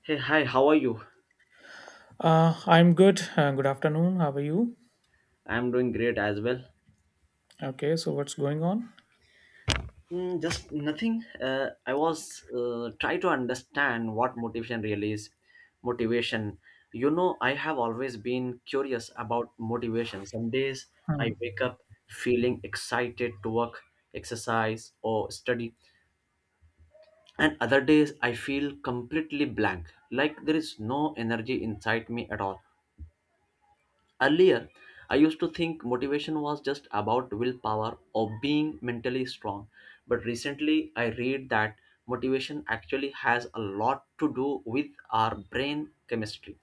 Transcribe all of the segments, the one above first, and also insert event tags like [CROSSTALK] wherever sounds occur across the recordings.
Hey, hi, how are you? I'm good. Good afternoon. How are you? I'm doing great as well. Okay, so what's going on? Just nothing. I was try to understand what motivation really is. Motivation. You know, I have always been curious about motivation. Some days Huh. I wake up feeling excited to work, exercise, or study, and other days I feel completely blank, like there is no energy inside me at all. Earlier, I used to think motivation was just about willpower or being mentally strong, but recently I read that motivation actually has a lot to do with our brain chemistry.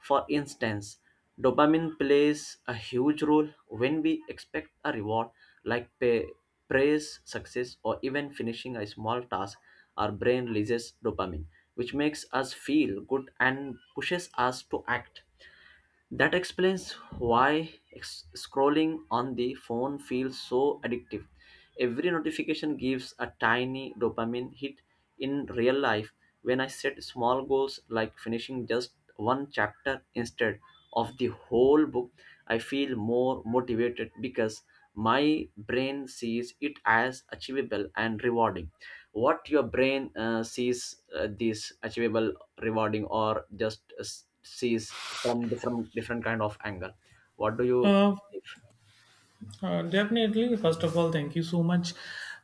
For instance, dopamine plays a huge role when we expect a reward like pay, praise, success, or even finishing a small task. Our brain releases dopamine, which makes us feel good and pushes us to act. That explains why scrolling on the phone feels so addictive. Every notification gives a tiny dopamine hit in real life. When I set small goals like finishing just one chapter instead of the whole book, I feel more motivated because my brain sees it as achievable and rewarding. What your brain sees, this achievable, rewarding, or just sees from different kind of angle, what do you Uh, believe? Definitely. First of all, thank you so much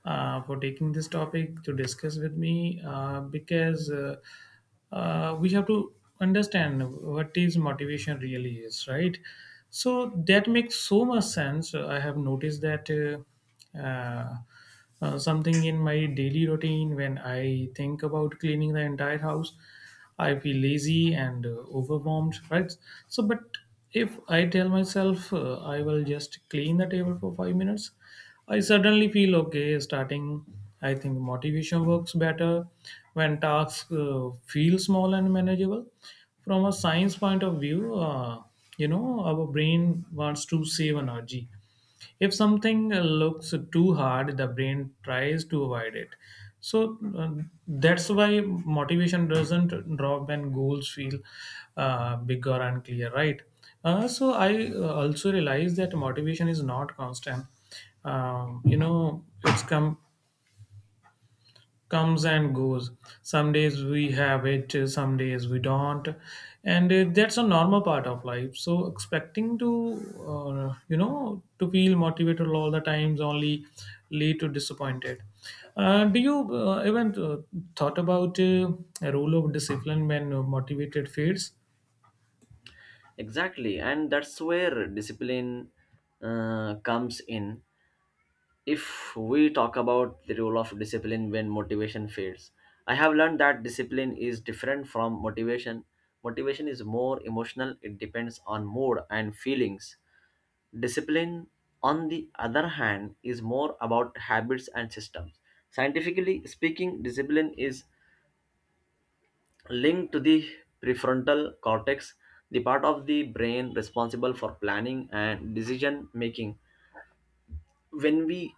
for taking this topic to discuss with me because we have to understand what is motivation really is, right? So that makes so much sense. I have noticed that. Uh, Something in my daily routine, when I think about cleaning the entire house, I feel lazy and overwhelmed, right? So but if I tell myself, I will just clean the table for 5 minutes, I suddenly feel okay starting. I think motivation works better when tasks feel small and manageable. From a science point of view, you know, our brain wants to save energy. If something looks too hard, the brain tries to avoid it. So that's why motivation doesn't drop when goals feel big or unclear, right? So I also realize that motivation is not constant. You know, it's comes and goes. Some days we have it, some days we don't, and that's a normal part of life. So expecting to feel motivated all the times only lead to disappointed. Do you even thought about a role of discipline when motivated fades? Exactly, and that's where discipline comes in. If we talk about the role of discipline when motivation fails, I have learned that discipline is different from motivation. Motivation is more emotional, it depends on mood and feelings. Discipline, on the other hand, is more about habits and systems. Scientifically speaking, discipline is linked to the prefrontal cortex, the part of the brain responsible for planning and decision making. When we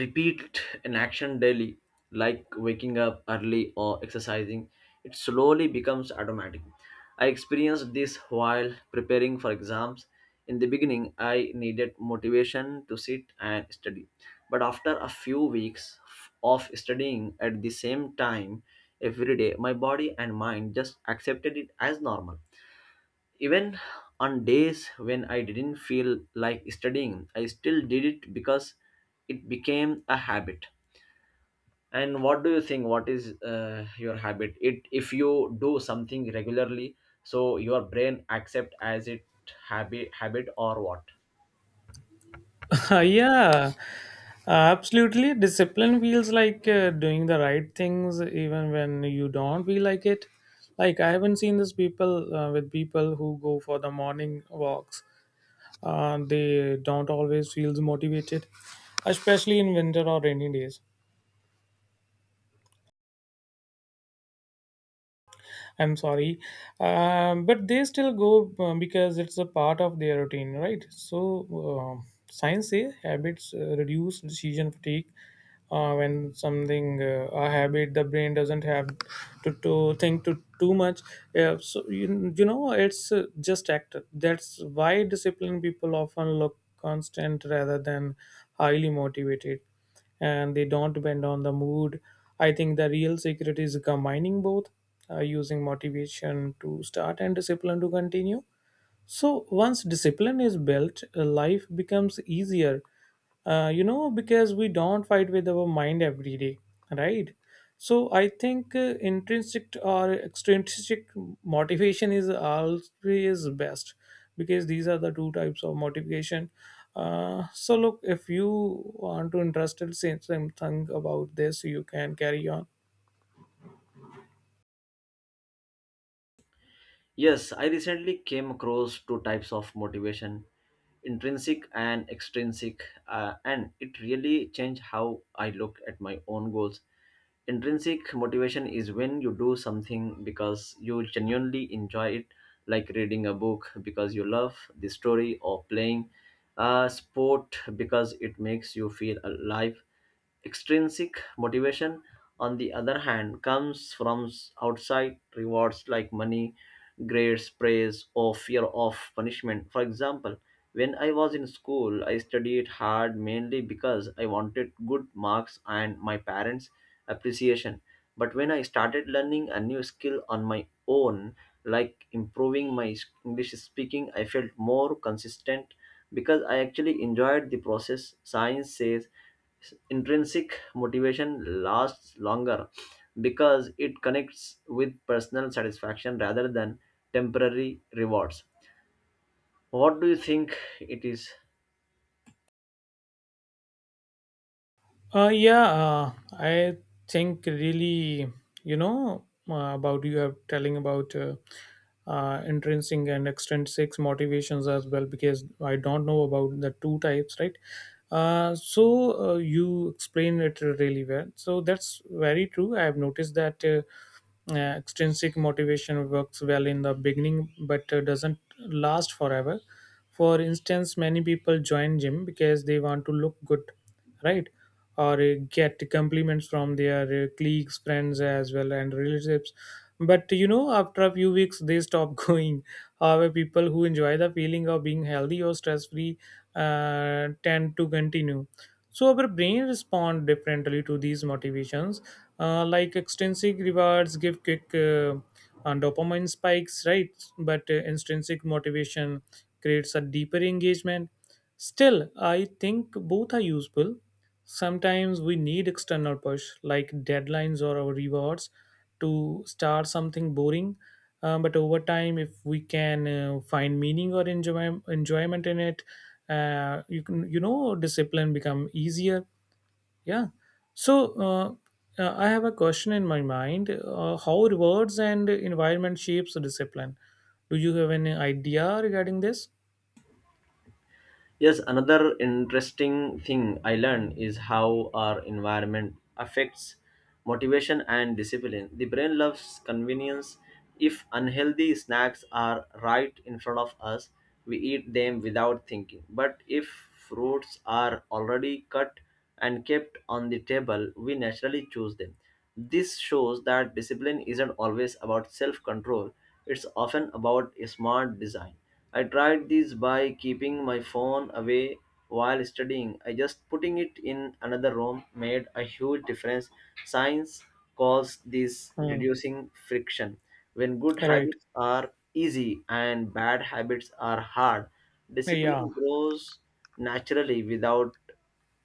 repeat an action daily, like waking up early or exercising, it slowly becomes automatic. I experienced this while preparing for exams. In the beginning, I needed motivation to sit and study, but after a few weeks of studying at the same time every day, my body and mind just accepted it as normal. Even on days when I didn't feel like studying, I still did it because it became a habit. And what do you think? What is your habit? It, if you do something regularly, so your brain accept as it, habit or what? [LAUGHS] Yeah, absolutely. Discipline feels like doing the right things even when you don't feel like it. Like I haven't seen this people with people who go for the morning walks. They don't always feel motivated, especially in winter or rainy days. I'm sorry, but they still go because it's a part of their routine, right? So uh, science say habits reduce decision fatigue when something a habit, the brain doesn't have to think to too much, yeah, so you know it's just act. That's why disciplined people often look constant rather than highly motivated, and they don't depend on the mood. I think the real secret is combining both, using motivation to start and discipline to continue. So once discipline is built, life becomes easier. You know, because we don't fight with our mind every day, right? So I think intrinsic or extrinsic motivation is always best, because these are the two types of motivation. So look, if you want to interested say something about this, you can carry on. Yes, I recently came across two types of motivation, intrinsic and extrinsic, and it really changed how I look at my own goals. Intrinsic motivation is when you do something because you genuinely enjoy it, like reading a book because you love the story, or playing a sport because it makes you feel alive. Extrinsic motivation, on the other hand, comes from outside rewards like money, grades, praise, or fear of punishment. For example, when I was in school, I studied hard mainly because I wanted good marks and my parents' appreciation. But when I started learning a new skill on my own, like improving my English speaking, I felt more consistent because I actually enjoyed the process. Science says intrinsic motivation lasts longer because it connects with personal satisfaction rather than temporary rewards. What do you think it is? Yeah, I think really, you know, about you are telling about intrinsic and extrinsic motivations as well, because I don't know about the two types, right? So you explain it really well. So that's very true. I have noticed that extrinsic motivation works well in the beginning, but doesn't last forever. For instance, many people join gym because they want to look good, right? Or get compliments from their colleagues, friends as well, and relatives. But you know, after a few weeks, they stop [LAUGHS] going. However, people who enjoy the feeling of being healthy or stress free tend to continue. So our brain respond differently to these motivations, like extrinsic rewards give quick and dopamine spikes, right? But intrinsic motivation creates a deeper engagement. Still, I think both are useful. Sometimes we need external push like deadlines or our rewards to start something boring. But over time, if we can find meaning or enjoyment in it, you can, you know, discipline become easier. Yeah. So I have a question in my mind: how rewards and environment shapes the discipline? Do you have any idea regarding this? Yes, another interesting thing I learned is how our environment affects motivation and discipline. The brain loves convenience. If unhealthy snacks are right in front of us, we eat them without thinking. But if fruits are already cut and kept on the table, we naturally choose them. This shows that discipline isn't always about self control, it's often about a smart design. I tried this by keeping my phone away while studying. I just putting it in another room made a huge difference. Science calls this Hmm. reducing friction. When good Right. habits are easy and bad habits are hard, Yeah. discipline grows naturally without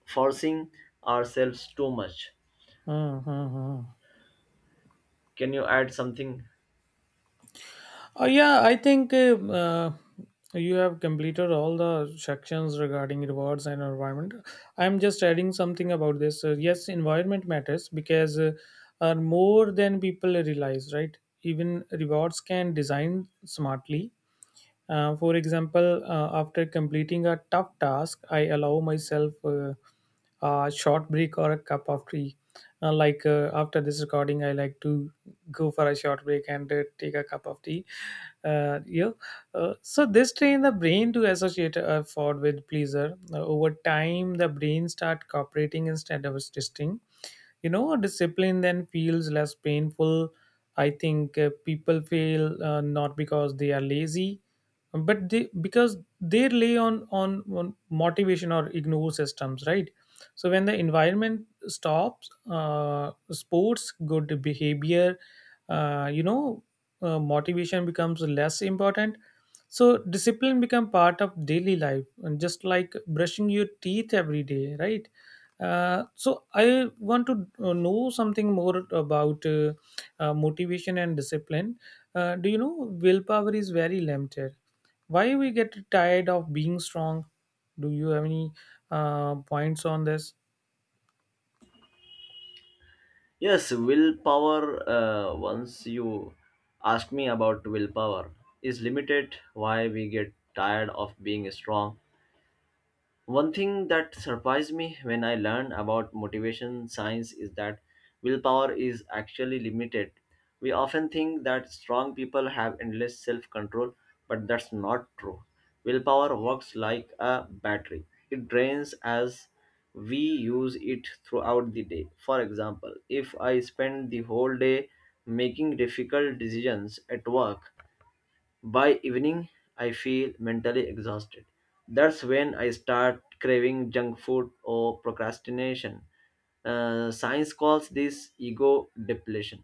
forcing ourselves too much. Hmm, hmm, hmm. Can you add something? Yeah, I think you have completed all the sections regarding rewards and environment. I'm just adding something about this. Yes, environment matters because are more than people realize, right? Even rewards can design smartly, for example, after completing a tough task, I allow myself a short break or a cup of tea. Like after this recording, I like to go for a short break and take a cup of tea. Yeah. So this train the brain to associate effort with pleasure. Over time, the brain start cooperating instead of resisting. You know, discipline then feels less painful. I think people fail, not because they are lazy, but they because they rely on motivation or ignore systems, right? So when the environment stops sports good behavior, you know, motivation becomes less important. So discipline become part of daily life, and just like brushing your teeth every day, right? So I want to know something more about motivation and discipline. Do you know willpower is very limited? Why we get tired of being strong? Do you have any points on this? Yes, willpower, once you ask me about willpower, is limited, why we get tired of being strong. One thing that surprised me when I learned about motivation science is that willpower is actually limited. We often think that strong people have endless self control, but that's not true. Willpower works like a battery, it drains as we use it throughout the day. For example, if I spend the whole day making difficult decisions at work, by evening, I feel mentally exhausted. That's when I start craving junk food or procrastination. Science calls this ego depletion.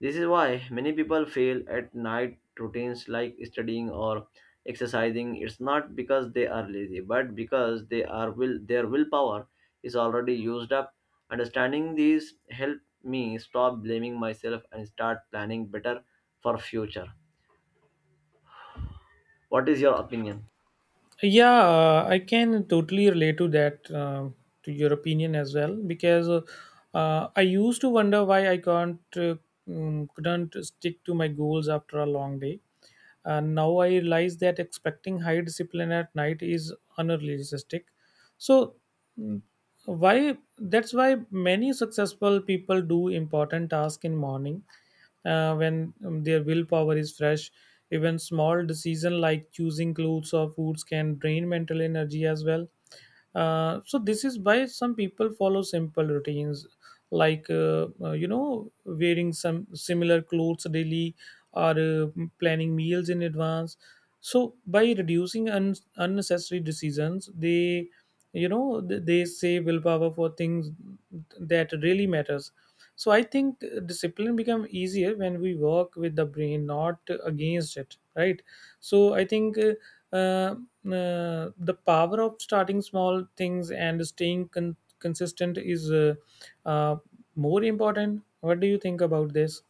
This is why many people fail at night routines like studying or exercising. It's not because they are lazy, but because they are will their willpower is already used up. Understanding these help me stop blaming myself and start planning better for future. What is your opinion? Yeah, I can totally relate to that, to your opinion as well, because I used to wonder why I can't, couldn't stick to my goals after a long day. And now I realize that expecting high discipline at night is unrealistic. So mm, why that's why many successful people do important tasks in morning when their willpower is fresh. Even small decision like choosing clothes or foods can drain mental energy as well. So this is why some people follow simple routines, like you know, wearing some similar clothes daily, or planning meals in advance. So by reducing unnecessary decisions, they, you know, they save willpower for things that really matters. So I think discipline become easier when we work with the brain, not against it, right? So I think uh, uh, the power of starting small things and staying consistent is uh, more important. What do you think about this?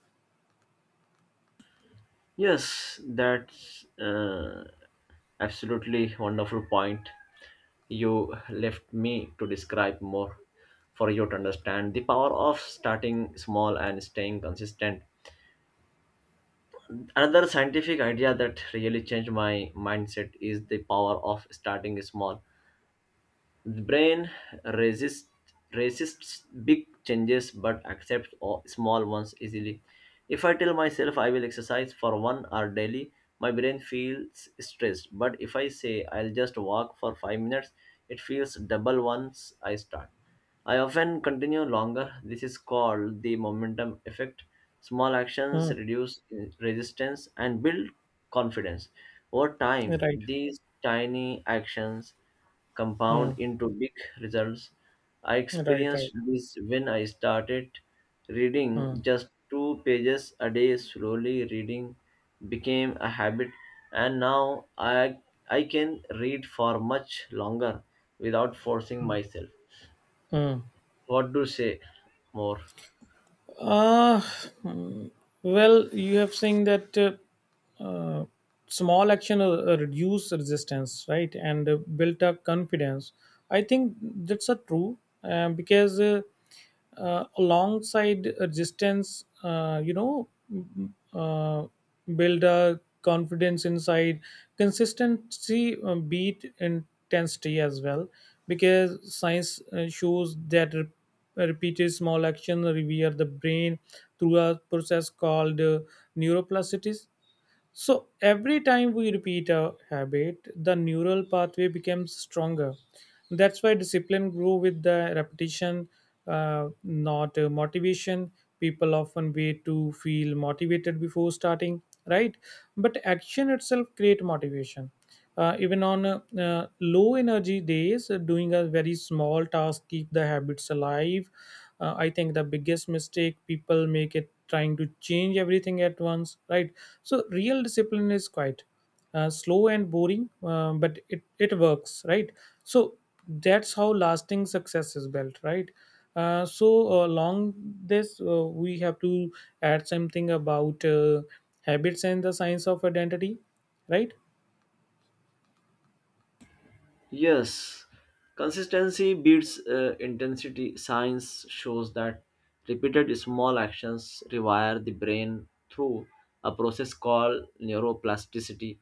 Yes, that's absolutely wonderful point, you left me to describe more for you to understand the power of starting small and staying consistent. Another scientific idea that really changed my mindset is the power of starting small. The brain resists resists big changes but accepts small ones easily. If I tell myself I will exercise for one hour daily, my brain feels stressed. But if I say I'll just walk for five minutes, it feels double once I start. I often continue longer. This is called the momentum effect. Small actions Hmm. reduce resistance and build confidence. Over time, Right. these tiny actions compound Hmm. into big results. I Right. Right. experienced this when I started reading Hmm. just two pages a day. Slowly, reading became a habit, and now I can read for much longer without forcing myself. Hmm. What to say more? Uh, mm, well, you have seen that small action reduce resistance, right, and built up confidence. I think that's a true, because alongside resistance, you know, build a confidence inside. Consistency beat intensity as well, because science shows that repeated small action revere the brain through a process called neuroplasticity. So every time we repeat a habit, the neural pathway becomes stronger. That's why discipline grew with the repetition, not motivation. People often wait to feel motivated before starting, right? But action itself create motivation even on low energy days. Doing a very small task keep the habits alive. I think the biggest mistake people make it trying to change everything at once, right? So real discipline is quite slow and boring, but it works, right? So that's how lasting success is built, right? So along this, we have to add something about habits and the science of identity, right? Yes, consistency beats intensity. Science shows that repeated small actions rewire the brain through a process called neuroplasticity.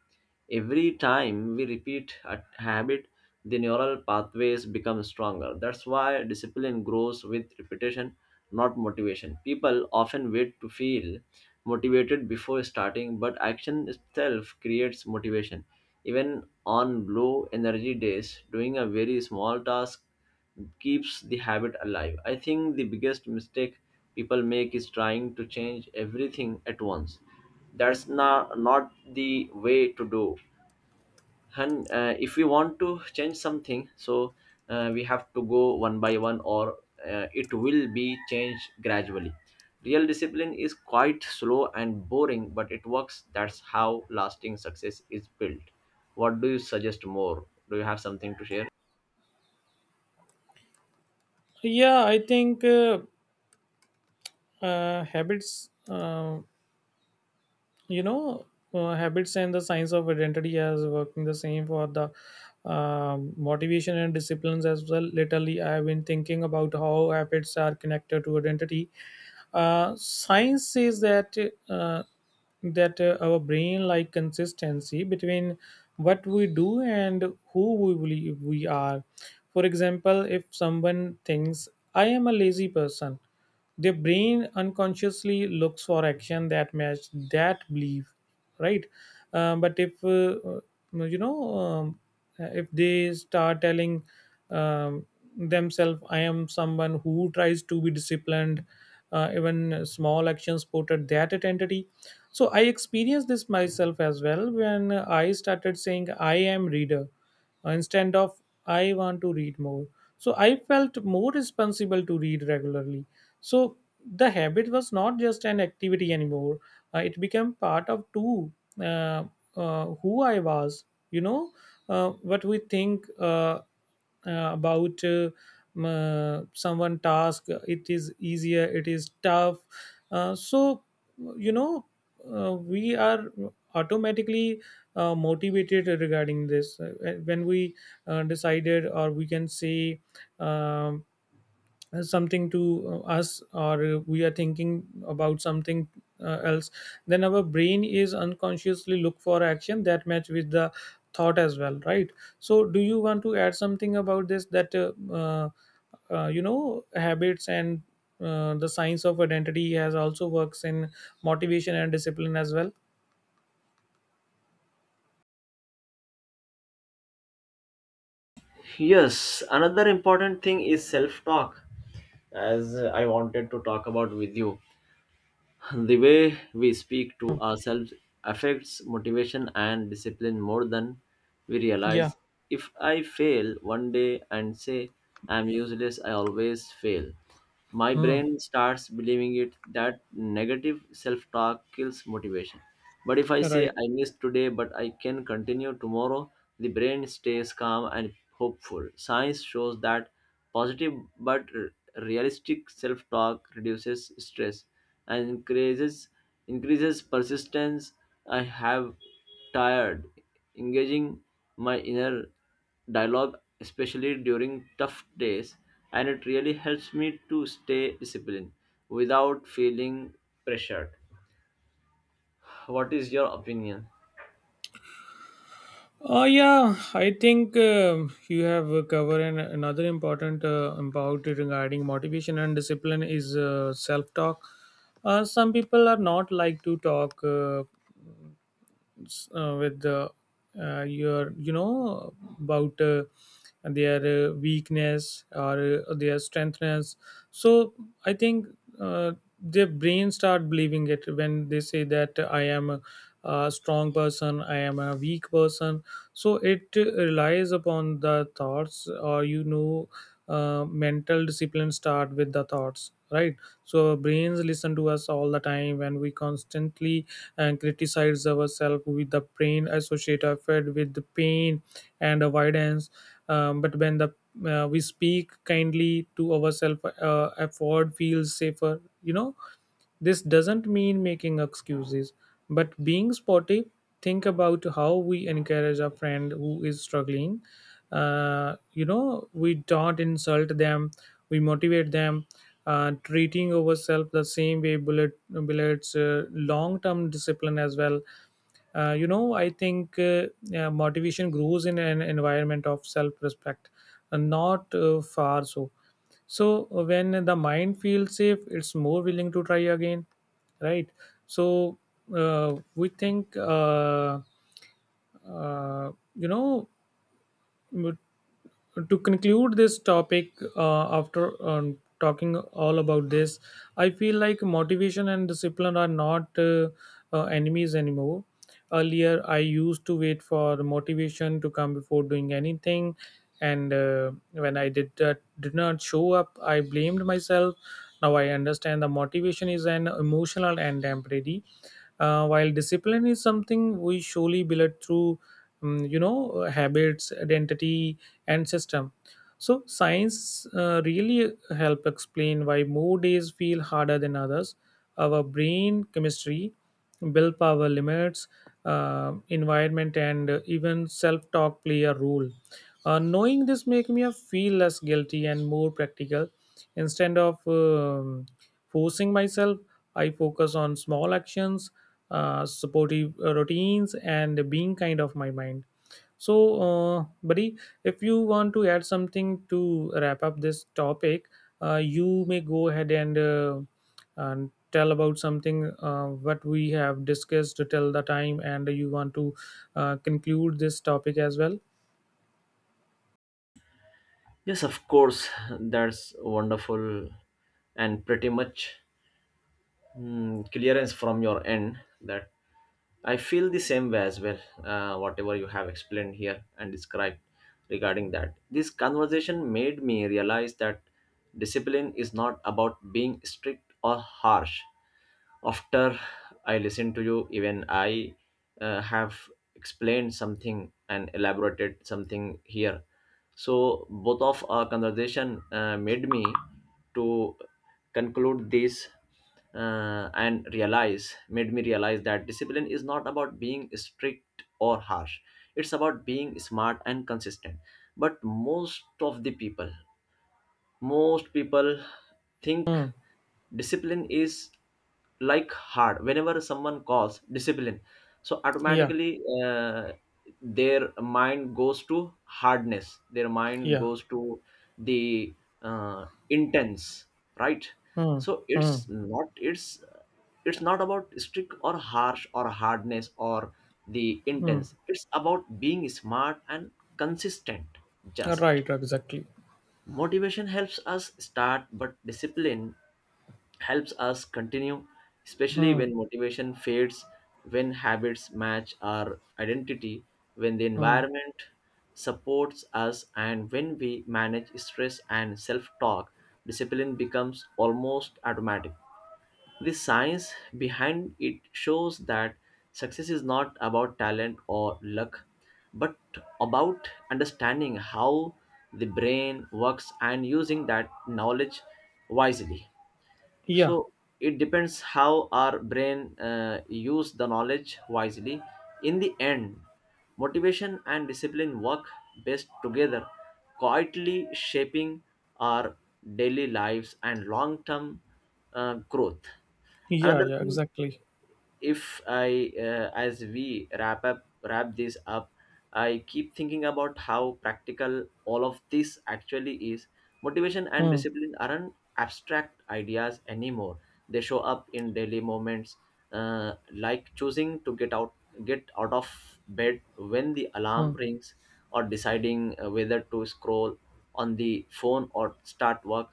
Every time we repeat a habit, the neural pathways become stronger. That's why discipline grows with repetition, not motivation. People often wait to feel motivated before starting, but action itself creates motivation. Even on low energy days, doing a very small task keeps the habit alive. I think the biggest mistake people make is trying to change everything at once. That's not the way to do, and if we want to change something, so we have to go one by one, or it will be changed gradually. Real discipline is quite slow and boring, but it works. That's how lasting success is built. What do you suggest more? Do you have something to share? Yeah, I think habits you know habits and the science of identity as working the same for the motivation and disciplines as well. Lately I've been thinking about how habits are connected to identity. Science says uh, that our brain like consistency between what we do and who we believe we are. For example, if someone thinks, "I am a lazy person," their brain unconsciously looks for action that match that belief, right? But if you know if they start telling um, themselves, "I am someone who tries to be disciplined," even small actions put at that identity. So I experienced this myself as well, when I started saying, "I am reader," instead of, "I want to read more," so I felt more responsible to read regularly. So the habit was not just an activity anymore. It became part of two, uh, who I was. You know, what we think about someone task. It is easier. It is tough. So you know, we are automatically motivated regarding this. When we decided, or we can say um, something to us, or we are thinking about something else, then our brain is unconsciously look for action that match with the thought as well, right? So do you want to add something about this, that you know, habits and the science of identity has also works in motivation and discipline as well? Yes, another important thing is self talk, as I wanted to talk about with you. The way we speak to ourselves affects motivation and discipline more than we Yeah. realize. If I fail one day and say I'm useless, I always fail, my Hmm. brain starts believing it. That negative self talk kills motivation. But if I say Right. I missed today but I can continue tomorrow, the brain stays calm and hopeful. Science shows that positive but realistic self talk reduces stress and increases persistence. I have tired engaging my inner dialogue, especially during tough days, and it really helps me to stay disciplined without feeling pressured. What is your opinion? Oh yeah, I think you have covered another important about regarding motivation and discipline is self-talk. Some people are not like to talk. With the your, about their weakness or their strengthness. So I think, uh, their brain start believing it when they say that I am a strong person, I am a weak person. So it relies upon the thoughts, or mental discipline start with the thoughts, right? So our brains listen to us all the time when we constantly and criticize ourselves, with the brain associated with the pain and avoidance. But when the we speak kindly to ourselves, effort feels safer. You know, this doesn't mean making excuses, but being sportive. Think about how we encourage a friend who is struggling. We don't insult them, we motivate them. Treating ourselves the same way bullets long term discipline as well. I think motivation grows in an environment of self-respect, and not far so. So, when the mind feels safe, it's more willing to try again, right? So, we think, uh, you know, to conclude this topic, after talking all about this, I feel like motivation and discipline are not enemies anymore. Earlier I used to wait for motivation to come before doing anything, and when I did that, did not show up, I blamed myself. Now I understand the motivation is an emotional and temporary, while discipline is something we surely build through habits, identity, and system. So science, really help explain why more days feel harder than others. Our brain chemistry, willpower limits, environment, and even self-talk play a role. Knowing this make me feel less guilty and more practical, instead of forcing myself. I focus on small actions, supportive routines, and being kind of my mind. So, buddy, if you want to add something to wrap up this topic, you may go ahead and tell about something, what we have discussed till the time, and you want to conclude this topic as well. Yes, of course, that's wonderful and pretty much, clearance from your end, that I feel the same way as well, whatever you have explained here and described regarding that. This conversation made me realize that discipline is not about being strict or harsh. After I listened to you, even I have explained something and elaborated something here. So, both of our conversation made me to conclude this, and realize, made me realize that discipline is not about being strict or harsh, it's about being smart and consistent. But most of the people, most people think Hmm. discipline is like hard. Whenever someone calls discipline, so Yeah. automatically their mind goes to hardness, their mind Yeah. goes to the intense, right? Hmm. So Hmm. it's not, it's not about strict or harsh or hardness or the intense, Hmm. it's about being smart and consistent. Just Right. Exactly. motivation helps us start, but discipline helps us continue, especially Hmm. when motivation fades, when habits match our identity, when the Hmm. environment supports us, and when we manage stress and self talk, discipline becomes almost automatic. The science behind it shows that success is not about talent or luck, but about understanding how the brain works and using that knowledge wisely. Yeah. So it depends how our brain use the knowledge wisely. In the end, motivation and discipline work best together, quietly shaping our daily lives and long term growth. Yeah, Another yeah, thing, exactly. if I, as we wrap up, wrap this up, I keep thinking about how practical all of this actually is. Motivation and Hmm. discipline aren't abstract ideas anymore. They show up in daily moments, like choosing to get out of bed when the Hmm. alarm rings, or deciding whether to scroll on the phone or start work.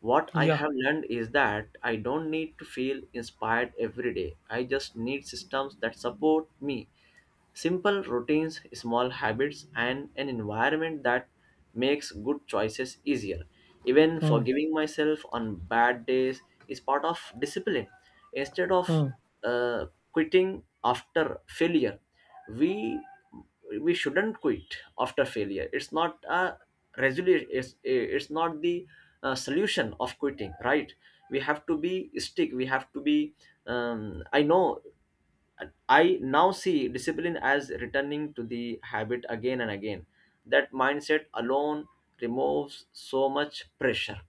What I Yeah. have learned is that I don't need to feel inspired every day. I just need systems that support me. Simple routines, small habits, and an environment that makes good choices easier. Even Hmm. forgiving myself on bad days is part of discipline. Instead of Hmm. uh, quitting after failure, we we shouldn't quit after failure. It's not a resolution. It's not the solution of quitting, right? We have to be stick. We have to be I know, and I now see discipline as returning to the habit again and again. That mindset alone removes so much pressure.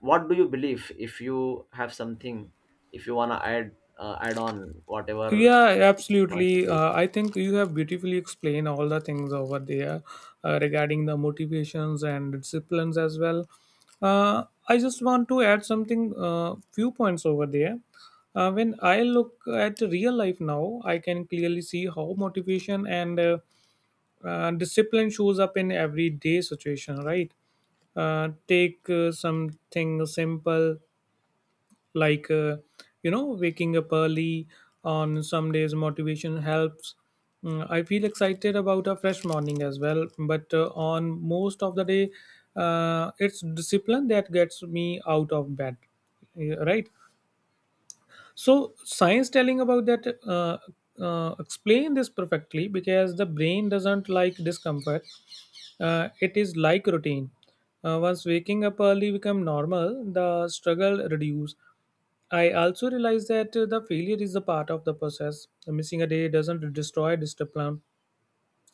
What do you believe, if you have something, if you want to add, add on whatever? Yeah, absolutely. I think you have beautifully explained all the things over there, regarding the motivations and disciplines as well. I just want to add something, few points over there. When I look at real life now, I can clearly see how motivation and discipline shows up in everyday situation, right? Take something simple, like, waking up early. On some days motivation helps. I feel excited about a fresh morning as well, but on most of the day, it's discipline that gets me out of bed. Yeah, right. So science telling about that, explain this perfectly because the brain doesn't like discomfort. It is like routine. Once waking up early become normal, the struggle reduce. I also realize that, the failure is a part of the process. Missing a day doesn't destroy discipline;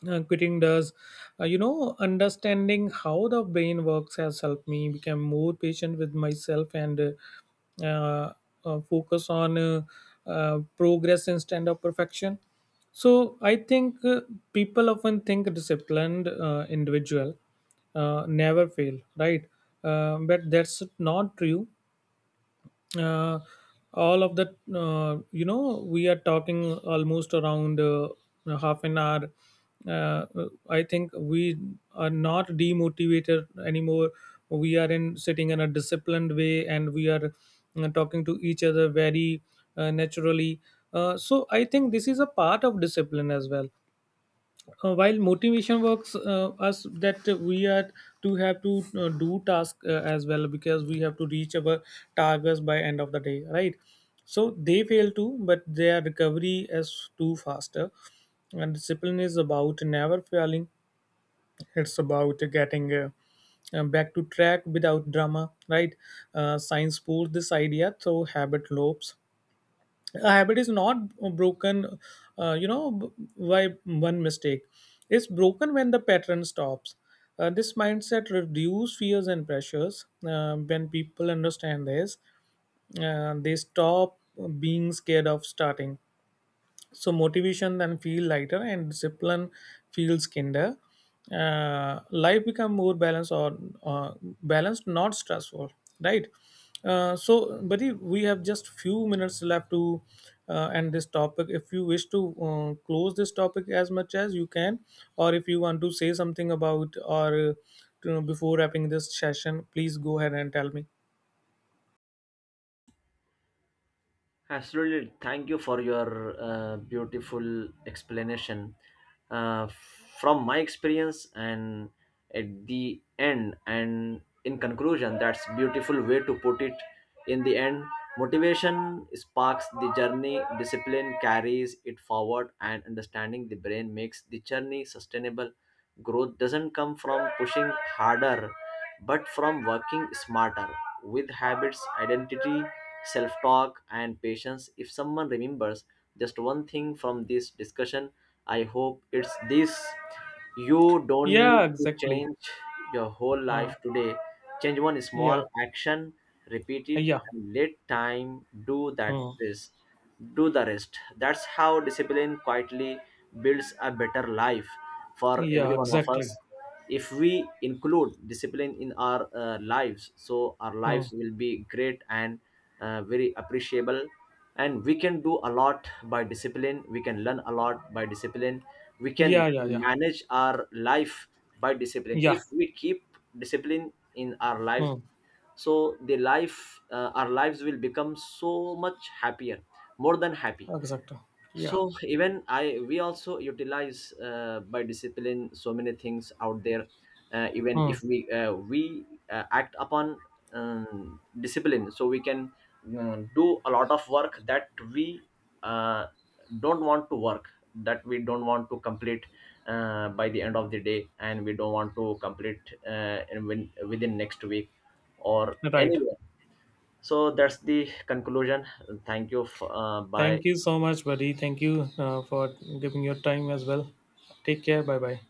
quitting does. Understanding how the brain works has helped me become more patient with myself, and uh, focus on progress instead of perfection. So I think, people often think disciplined individual never fail, right? But that's not true. uh, all of that, we are talking almost around half an hour. uh, I think we are not demotivated anymore. We are in sitting in a disciplined way, and we are talking to each other very naturally. So I think this is a part of discipline as well. While motivation works us that we are to have to do task as well, because we have to reach our targets by end of the day, right? So they fail too, but their recovery is too faster, and discipline is about never failing. It's about getting back to track without drama, right? Science pulls this idea through habit loops. A habit is not broken uh, you know b- by one mistake. It's broken when the pattern stops. This mindset reduces fears and pressures. When people understand this, they stop being scared of starting. So motivation then feel lighter and discipline feels kinder. Life become more balanced, or uh, balanced, not stressful, right? So buddy, we have just few minutes left to end this topic. If you wish to close this topic as much as you can, or if you want to say something about, or, before wrapping this session, please go ahead and tell me. Absolutely. Thank you for your beautiful explanation. Uh, from my experience, and at the end, and in conclusion, that's beautiful way to put it. In the end, motivation sparks the journey, discipline carries it forward, and understanding the brain makes the journey sustainable. Growth doesn't come from pushing harder, but from working smarter with habits, identity, self talk, and patience. If someone remembers just one thing from this discussion, I hope it's this: you don't need Yeah, to exactly. change your whole life Mm. today. Change one small Yeah, action, repeat it, yeah. and let time do that Mm. rest. Do the rest. That's how discipline quietly builds a better life for Yeah, every one of us. exactly. If we include discipline in our lives, so our lives Mm. will be great and very appreciable, and we can do a lot by discipline, we can learn a lot by discipline, we can Yeah, yeah, yeah. manage our life by discipline. If Yeah. we keep discipline in our lives, Hmm. so the life our lives will become so much happier, more than happy. Exactly. Yeah. So even I we also utilize by discipline so many things out there, even Hmm. if we act upon discipline, so we can do a lot of work that we uh, don't want to work, that we don't want to complete by the end of the day, and we don't want to complete within next week or Right. anywhere. So that's the conclusion. Thank you, bye. Thank you so much, buddy. Thank you, for giving your time as well. Take care. Bye bye.